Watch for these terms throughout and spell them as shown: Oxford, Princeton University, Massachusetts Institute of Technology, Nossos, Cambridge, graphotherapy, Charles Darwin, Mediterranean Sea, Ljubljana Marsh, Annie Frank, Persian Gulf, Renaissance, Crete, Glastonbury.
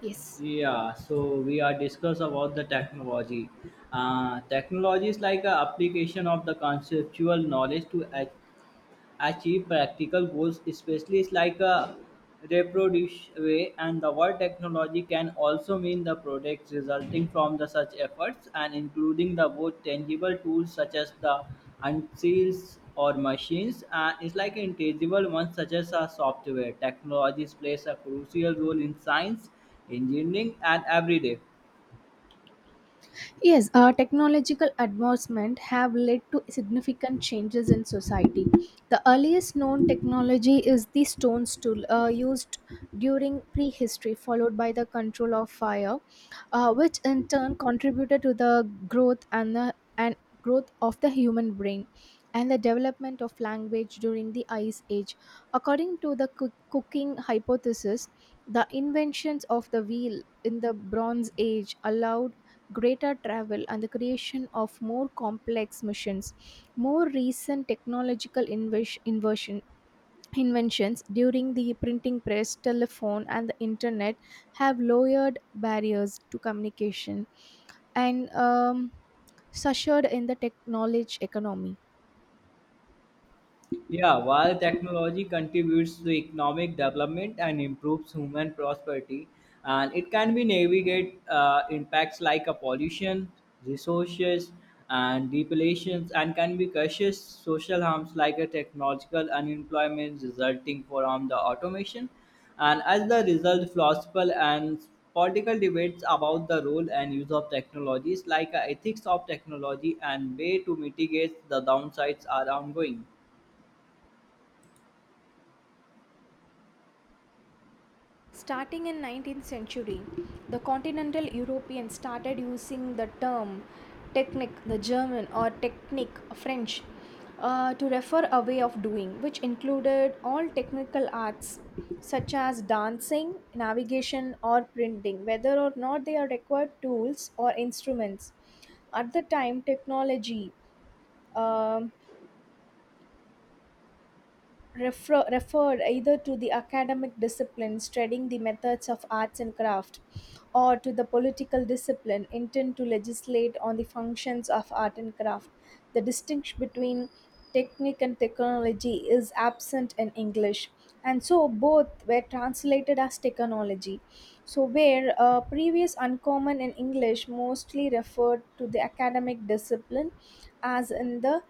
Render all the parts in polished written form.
Yes. Yeah, so we are discuss about the technology. Technology is like a application of the conceptual knowledge to achieve practical goals, especially it's like a reproduce way. And the word technology can also mean the products resulting from the such efforts and including the both tangible tools such as the unseals or machines, and it's like intangible ones such as a software technologies plays a crucial role in science, engineering and every day. Yes, technological advancement have led to significant changes in society. The earliest known technology is the stone stool used during prehistory, followed by the control of fire, which in turn contributed to the growth and growth of the human brain and the development of language during the ice age, according to the cooking hypothesis. The inventions of the wheel in the bronze age allowed greater travel and the creation of more complex missions. More recent technological inversion inventions during the printing press, telephone, and the internet have lowered barriers to communication and ushered in the technology economy. Yeah, while technology contributes to economic development and improves human prosperity, and it can be navigate impacts like a pollution, resources, and depletions, and can be cautious social harms like a technological unemployment resulting from the automation. And as the result, philosophical and political debates about the role and use of technologies like ethics of technology and way to mitigate the downsides are ongoing. Starting in 19th century, the continental Europeans started using the term technique, the German, or technique, French, to refer a way of doing, which included all technical arts such as dancing, navigation, or printing, whether or not they are required tools or instruments. At the time, technology um referred either to the academic discipline studying the methods of arts and craft, or to the political discipline intent to legislate on the functions of art and craft. The distinction between technique and technology is absent in English, and so both were translated as technology. So where previous uncommon in English mostly referred to the academic discipline, as in the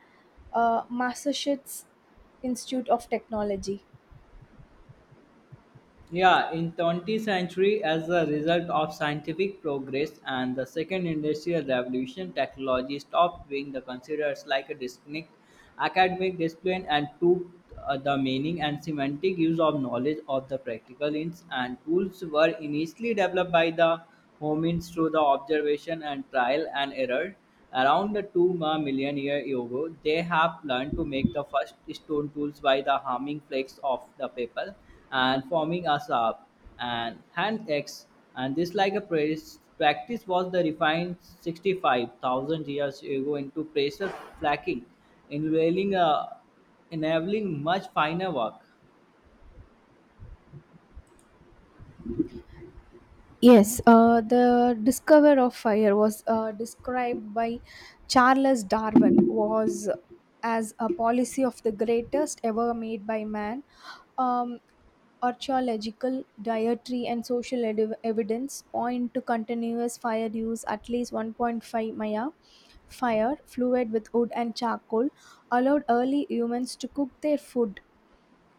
Massachusetts Institute of Technology. Yeah, in 20th century, as a result of scientific progress and the second industrial revolution, technology stopped being the considered like a distinct academic discipline and took the meaning and semantic use of knowledge of the practical ins and tools were initially developed by the homins through the observation and trial and error. Around the 2 ma million year ago, they have learned to make the first stone tools by the harming flakes of the paper and forming a sharp and hand axe. And this like a practice was the refined 65,000 years ago into pressure flaking, enabling, uh, enabling much finer work. Yes, the discover of fire was described by Charles Darwin was as a policy of the greatest ever made by man. Um, Archaeological, dietary, and social evidence point to continuous fire use at least 1.5 Maya. Fire, fluid with wood and charcoal, allowed early humans to cook their food,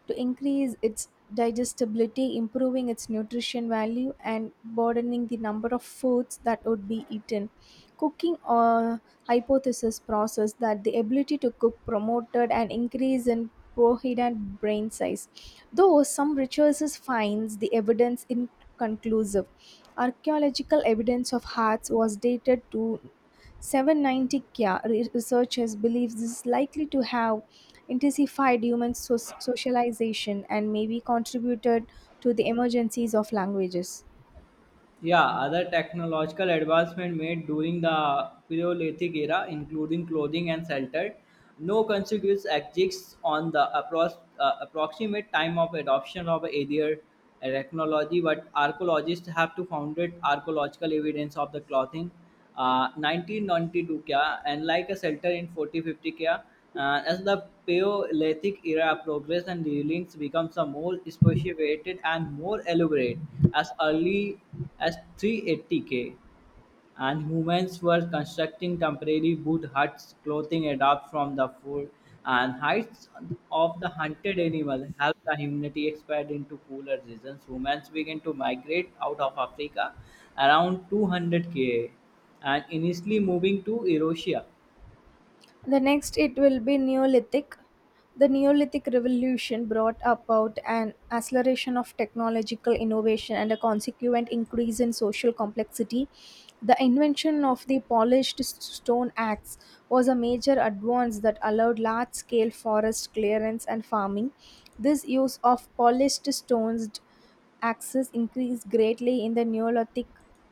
to increase its digestibility, improving its nutrition value, and broadening the number of foods that would be eaten. Cooking or hypothesis process that the ability to cook promoted an increase in prohidant brain size, though some researchers finds the evidence inconclusive. Archaeological evidence of hearts was dated to 790 Kya. Researchers believe this is likely to have intensified human socialization and maybe contributed to the emergencies of languages. Yeah, other technological advancement made during the Paleolithic era, including clothing and shelter, no conspicuous exists on the approximate time of adoption of either technology, but archaeologists have to found archaeological evidence of the clothing 1992 क्या and like a shelter in 4050 क्या as the Paleolithic era progressed and railings becomes a more sophisticated and more elaborate as early as 380 K, and humans were constructing temporary wood huts, clothing adapted from the food and hides of the hunted animal helped the humanity expand into cooler regions. Humans began to migrate out of Africa around 200 K A and initially moving to Eurasia. The next it will be Neolithic. The Neolithic revolution brought about an acceleration of technological innovation and a consequent increase in social complexity. The invention of the polished stone axe was a major advance that allowed large scale forest clearance and farming. This use of polished stones axes increased greatly in the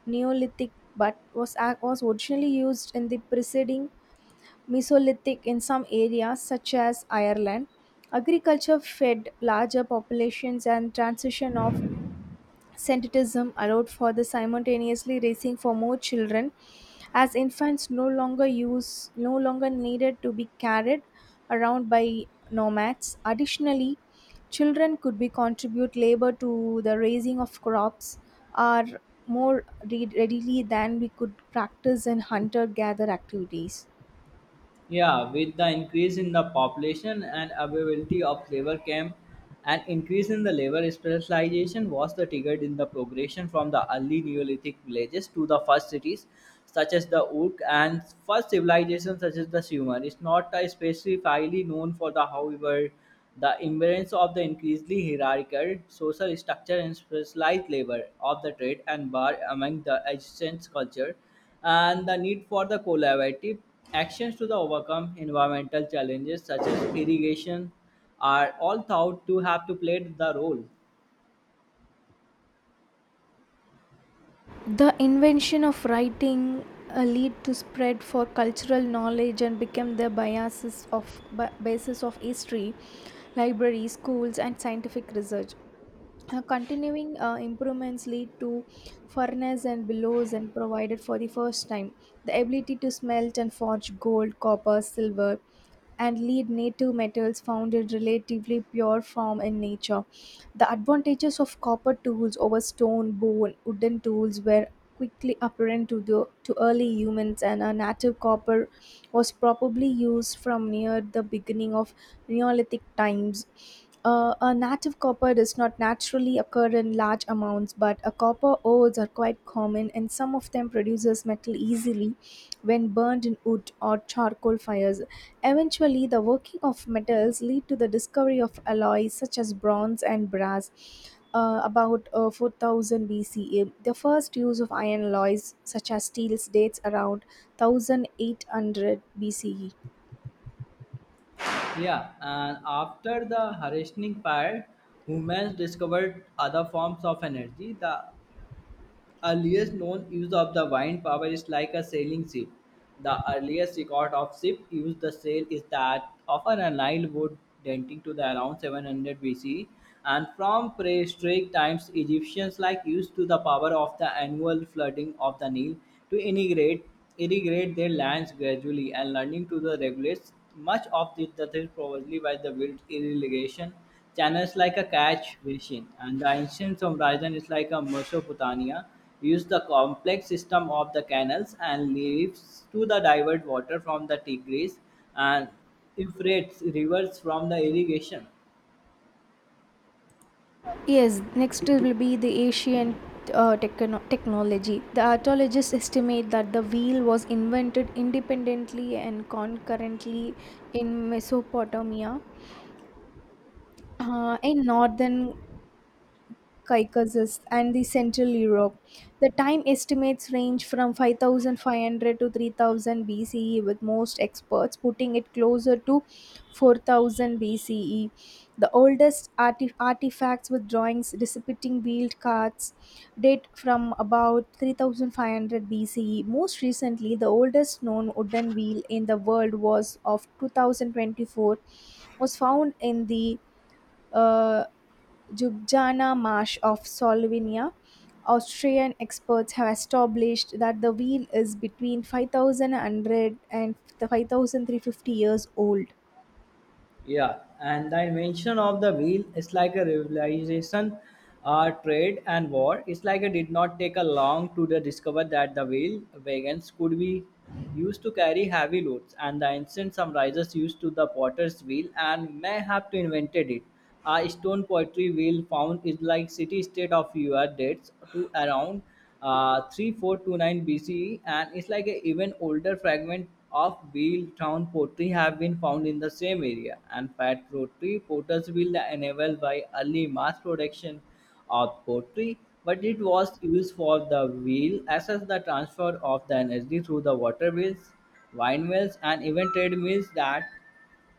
Neolithic, but was originally used in the preceding Mesolithic in some areas, such as Ireland. Agriculture fed larger populations, and transition of sedentism allowed for the simultaneously raising for more children, as infants no longer needed to be carried around by nomads. Additionally, children could be contribute labor to the raising of crops are more readily than we could practice in hunter gatherer activities. Yeah, with the increase in the population and availability of labor camp, an increase in the labor specialization was the trigger in the progression from the early Neolithic villages to the first cities such as the Uruk, and first civilizations such as the Sumer. It's not specifically known for the however the emergence of the increasingly hierarchical social structure and specialized labor of the trade and bar among the adjacent culture and the need for the collaborative actions to the overcome environmental challenges such as irrigation are all thought to have to play the role. The invention of writing lead to spread for cultural knowledge and became the biases of basis of history, libraries, schools, and scientific research. Continuing improvements lead to furnace and bellows and provided for the first time the ability to smelt and forge gold, copper, silver, and lead native metals found in relatively pure form in nature. The advantages of copper tools over stone, bone, wooden tools were quickly apparent to early humans, and a native copper was probably used from near the beginning of Neolithic times. A native copper does not naturally occur in large amounts, but a copper ores are quite common, and some of them produces metal easily when burned in wood or charcoal fires. Eventually, the working of metals lead to the discovery of alloys such as bronze and brass. About 4000 BCE, the first use of iron alloys such as steels dates around 1800 BCE. Yeah, and after the harnessing fire, humans discovered other forms of energy. The earliest known use of the wind power is like a sailing ship. The earliest record of ship used the sail is that of an aligned wood dating to the around 700 BC. And from prehistoric times, Egyptians like used to the power of the annual flooding of the Nile to irrigate their lands gradually and learning to the regulate much of this that is probably by the built irrigation channels like a catch basin, and the ancient horizon is like a Mesopotamia use the complex system of the canals and leaves to the divert water from the Tigris and Euphrates rivers from the irrigation. Yes, next will be the Asian technology. The archaeologists estimate that the wheel was invented independently and concurrently in Mesopotamia, in northern Caucasus and the Central Europe. The time estimates range from 5500 to 3000 BCE, with most experts putting it closer to 4000 BCE. The oldest artifacts with drawings depicting wheeled carts date from about 3500 BCE. Most recently, the oldest known wooden wheel in the world was of 2024 was found in the uh. Ljubljana Marsh of Slovenia. Austrian experts have established that the wheel is between 5,100 and 5,350 years old. Yeah, and the invention of the wheel is like a revolution. Trade and war. It's like it did not take a long to the discover that the wheel wagons could be used to carry heavy loads, and the ancient summarizers used to the potter's wheel and may have to invented it. A stone pottery wheel found is like city state of your dates to around 3429 BCE, and it's like a even older fragment of wheel town pottery have been found in the same area. And fat pottery potters wheel enabled by early mass production of pottery, but it was used for the wheel as well as the transfer of the energy through the water wheels, wine mills, and even trade mills that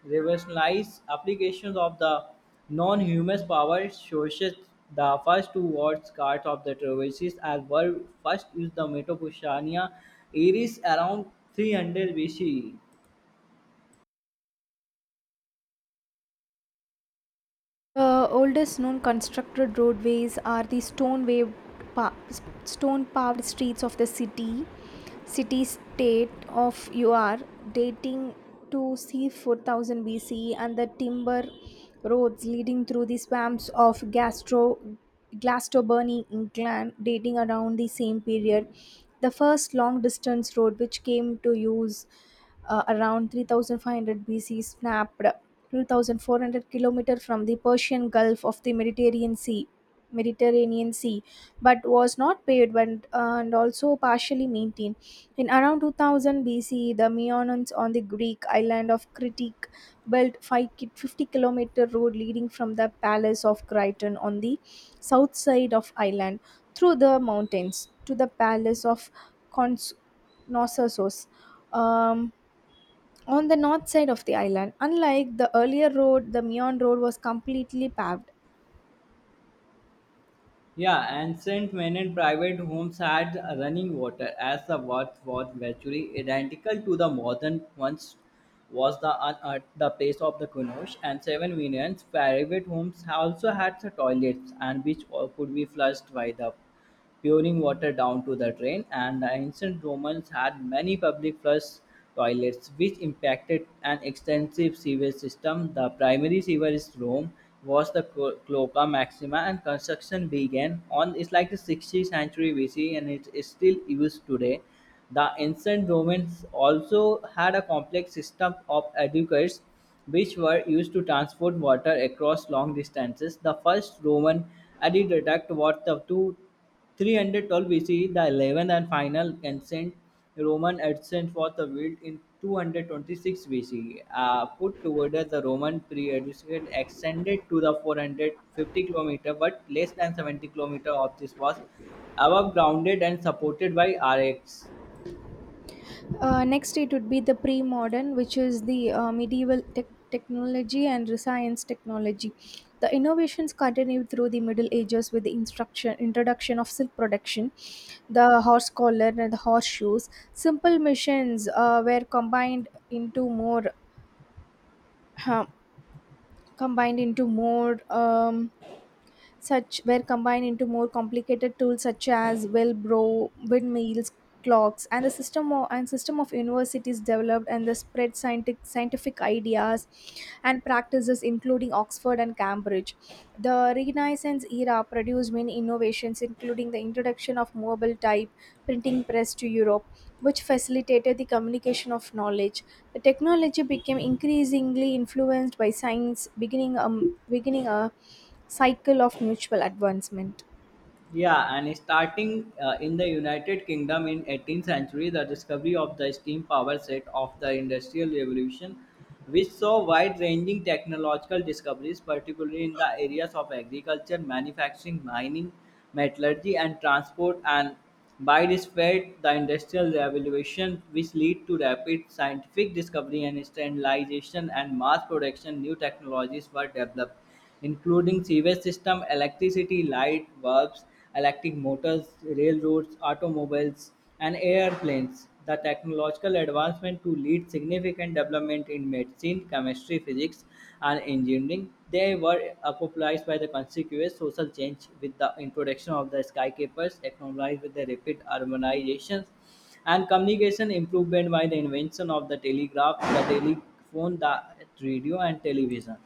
revolutionized applications of the non-humus power sources. The first two wards watch-guards of the Traverses as were first used the Mesopotamia areas around 300 BC. The oldest known constructed roadways are the stone paved pa- stone paved streets of the city state of UR, dating to c 4000 BC, and the timber roads leading through the swamps of Gastro Glastonbury, England, dating around the same period. The first long distance road, which came to use around 3500 BC, snapped 2400 kilometer from the Persian Gulf of the Mediterranean Sea, but was not paved and, also partially maintained. In around 2000 BC, the Meonians on the Greek island of Crete built 50-kilometer road leading from the palace of Crichton on the south side of island through the mountains to the palace of Cons- Nossos, um, on the north side of the island. Unlike the earlier road, the Mion Road was completely paved. Yeah, ancient men and private homes had running water as the worth was virtually identical to the modern ones, was the unearthed the place of the Kunosh, and seven millions private homes also had the toilets and which all could be flushed by the pouring water down to the drain, and the ancient Romans had many public flush toilets, which impacted an extensive sewage system. The primary sewer in Rome was the Cloaca Maxima, and construction began on it's like the 60th century BC, and it is still used today. The ancient Romans also had a complex system of aqueducts which were used to transport water across long distances. The first Roman aqueduct was the two 312 BCE, the 11th and final ancient Roman ascent was revealed in 226 BCE. Put together, the Roman period extended to the 450 km, but less than 70 km of this was above grounded and supported by RX. Next, it would be the pre modern, which is the medieval tech technology and science technology. The innovations continued through the Middle Ages with the introduction of silk production, the horse collar, and the horseshoes. Simple missions were combined into more. Uh, combined into more such were combined into more complicated tools such as Wellbro, windmills, clocks, and the system of universities developed and the spread scientific ideas and practices including Oxford and Cambridge. The Renaissance era produced many innovations including the introduction of mobile type printing press to Europe, which facilitated the communication of knowledge. The technology became increasingly influenced by science, beginning a cycle of mutual advancement. Yeah, and starting in the United Kingdom in 18th century, the discovery of the steam power set of the Industrial Revolution, which saw wide-ranging technological discoveries, particularly in the areas of agriculture, manufacturing, mining, metallurgy, and transport. And by this fate, the Industrial Revolution, which led to rapid scientific discovery and standardization and mass production, new technologies were developed including sewage system, electricity, light bulbs, electric motors, railroads, automobiles, and airplanes. The technological advancement to lead significant development in medicine, chemistry, physics, and engineering. They were popularized by the conspicuous social change with the introduction of the skyscrapers, acknowledged with the rapid urbanization and communication improvement by the invention of the telegraph, the telephone, the radio, and television.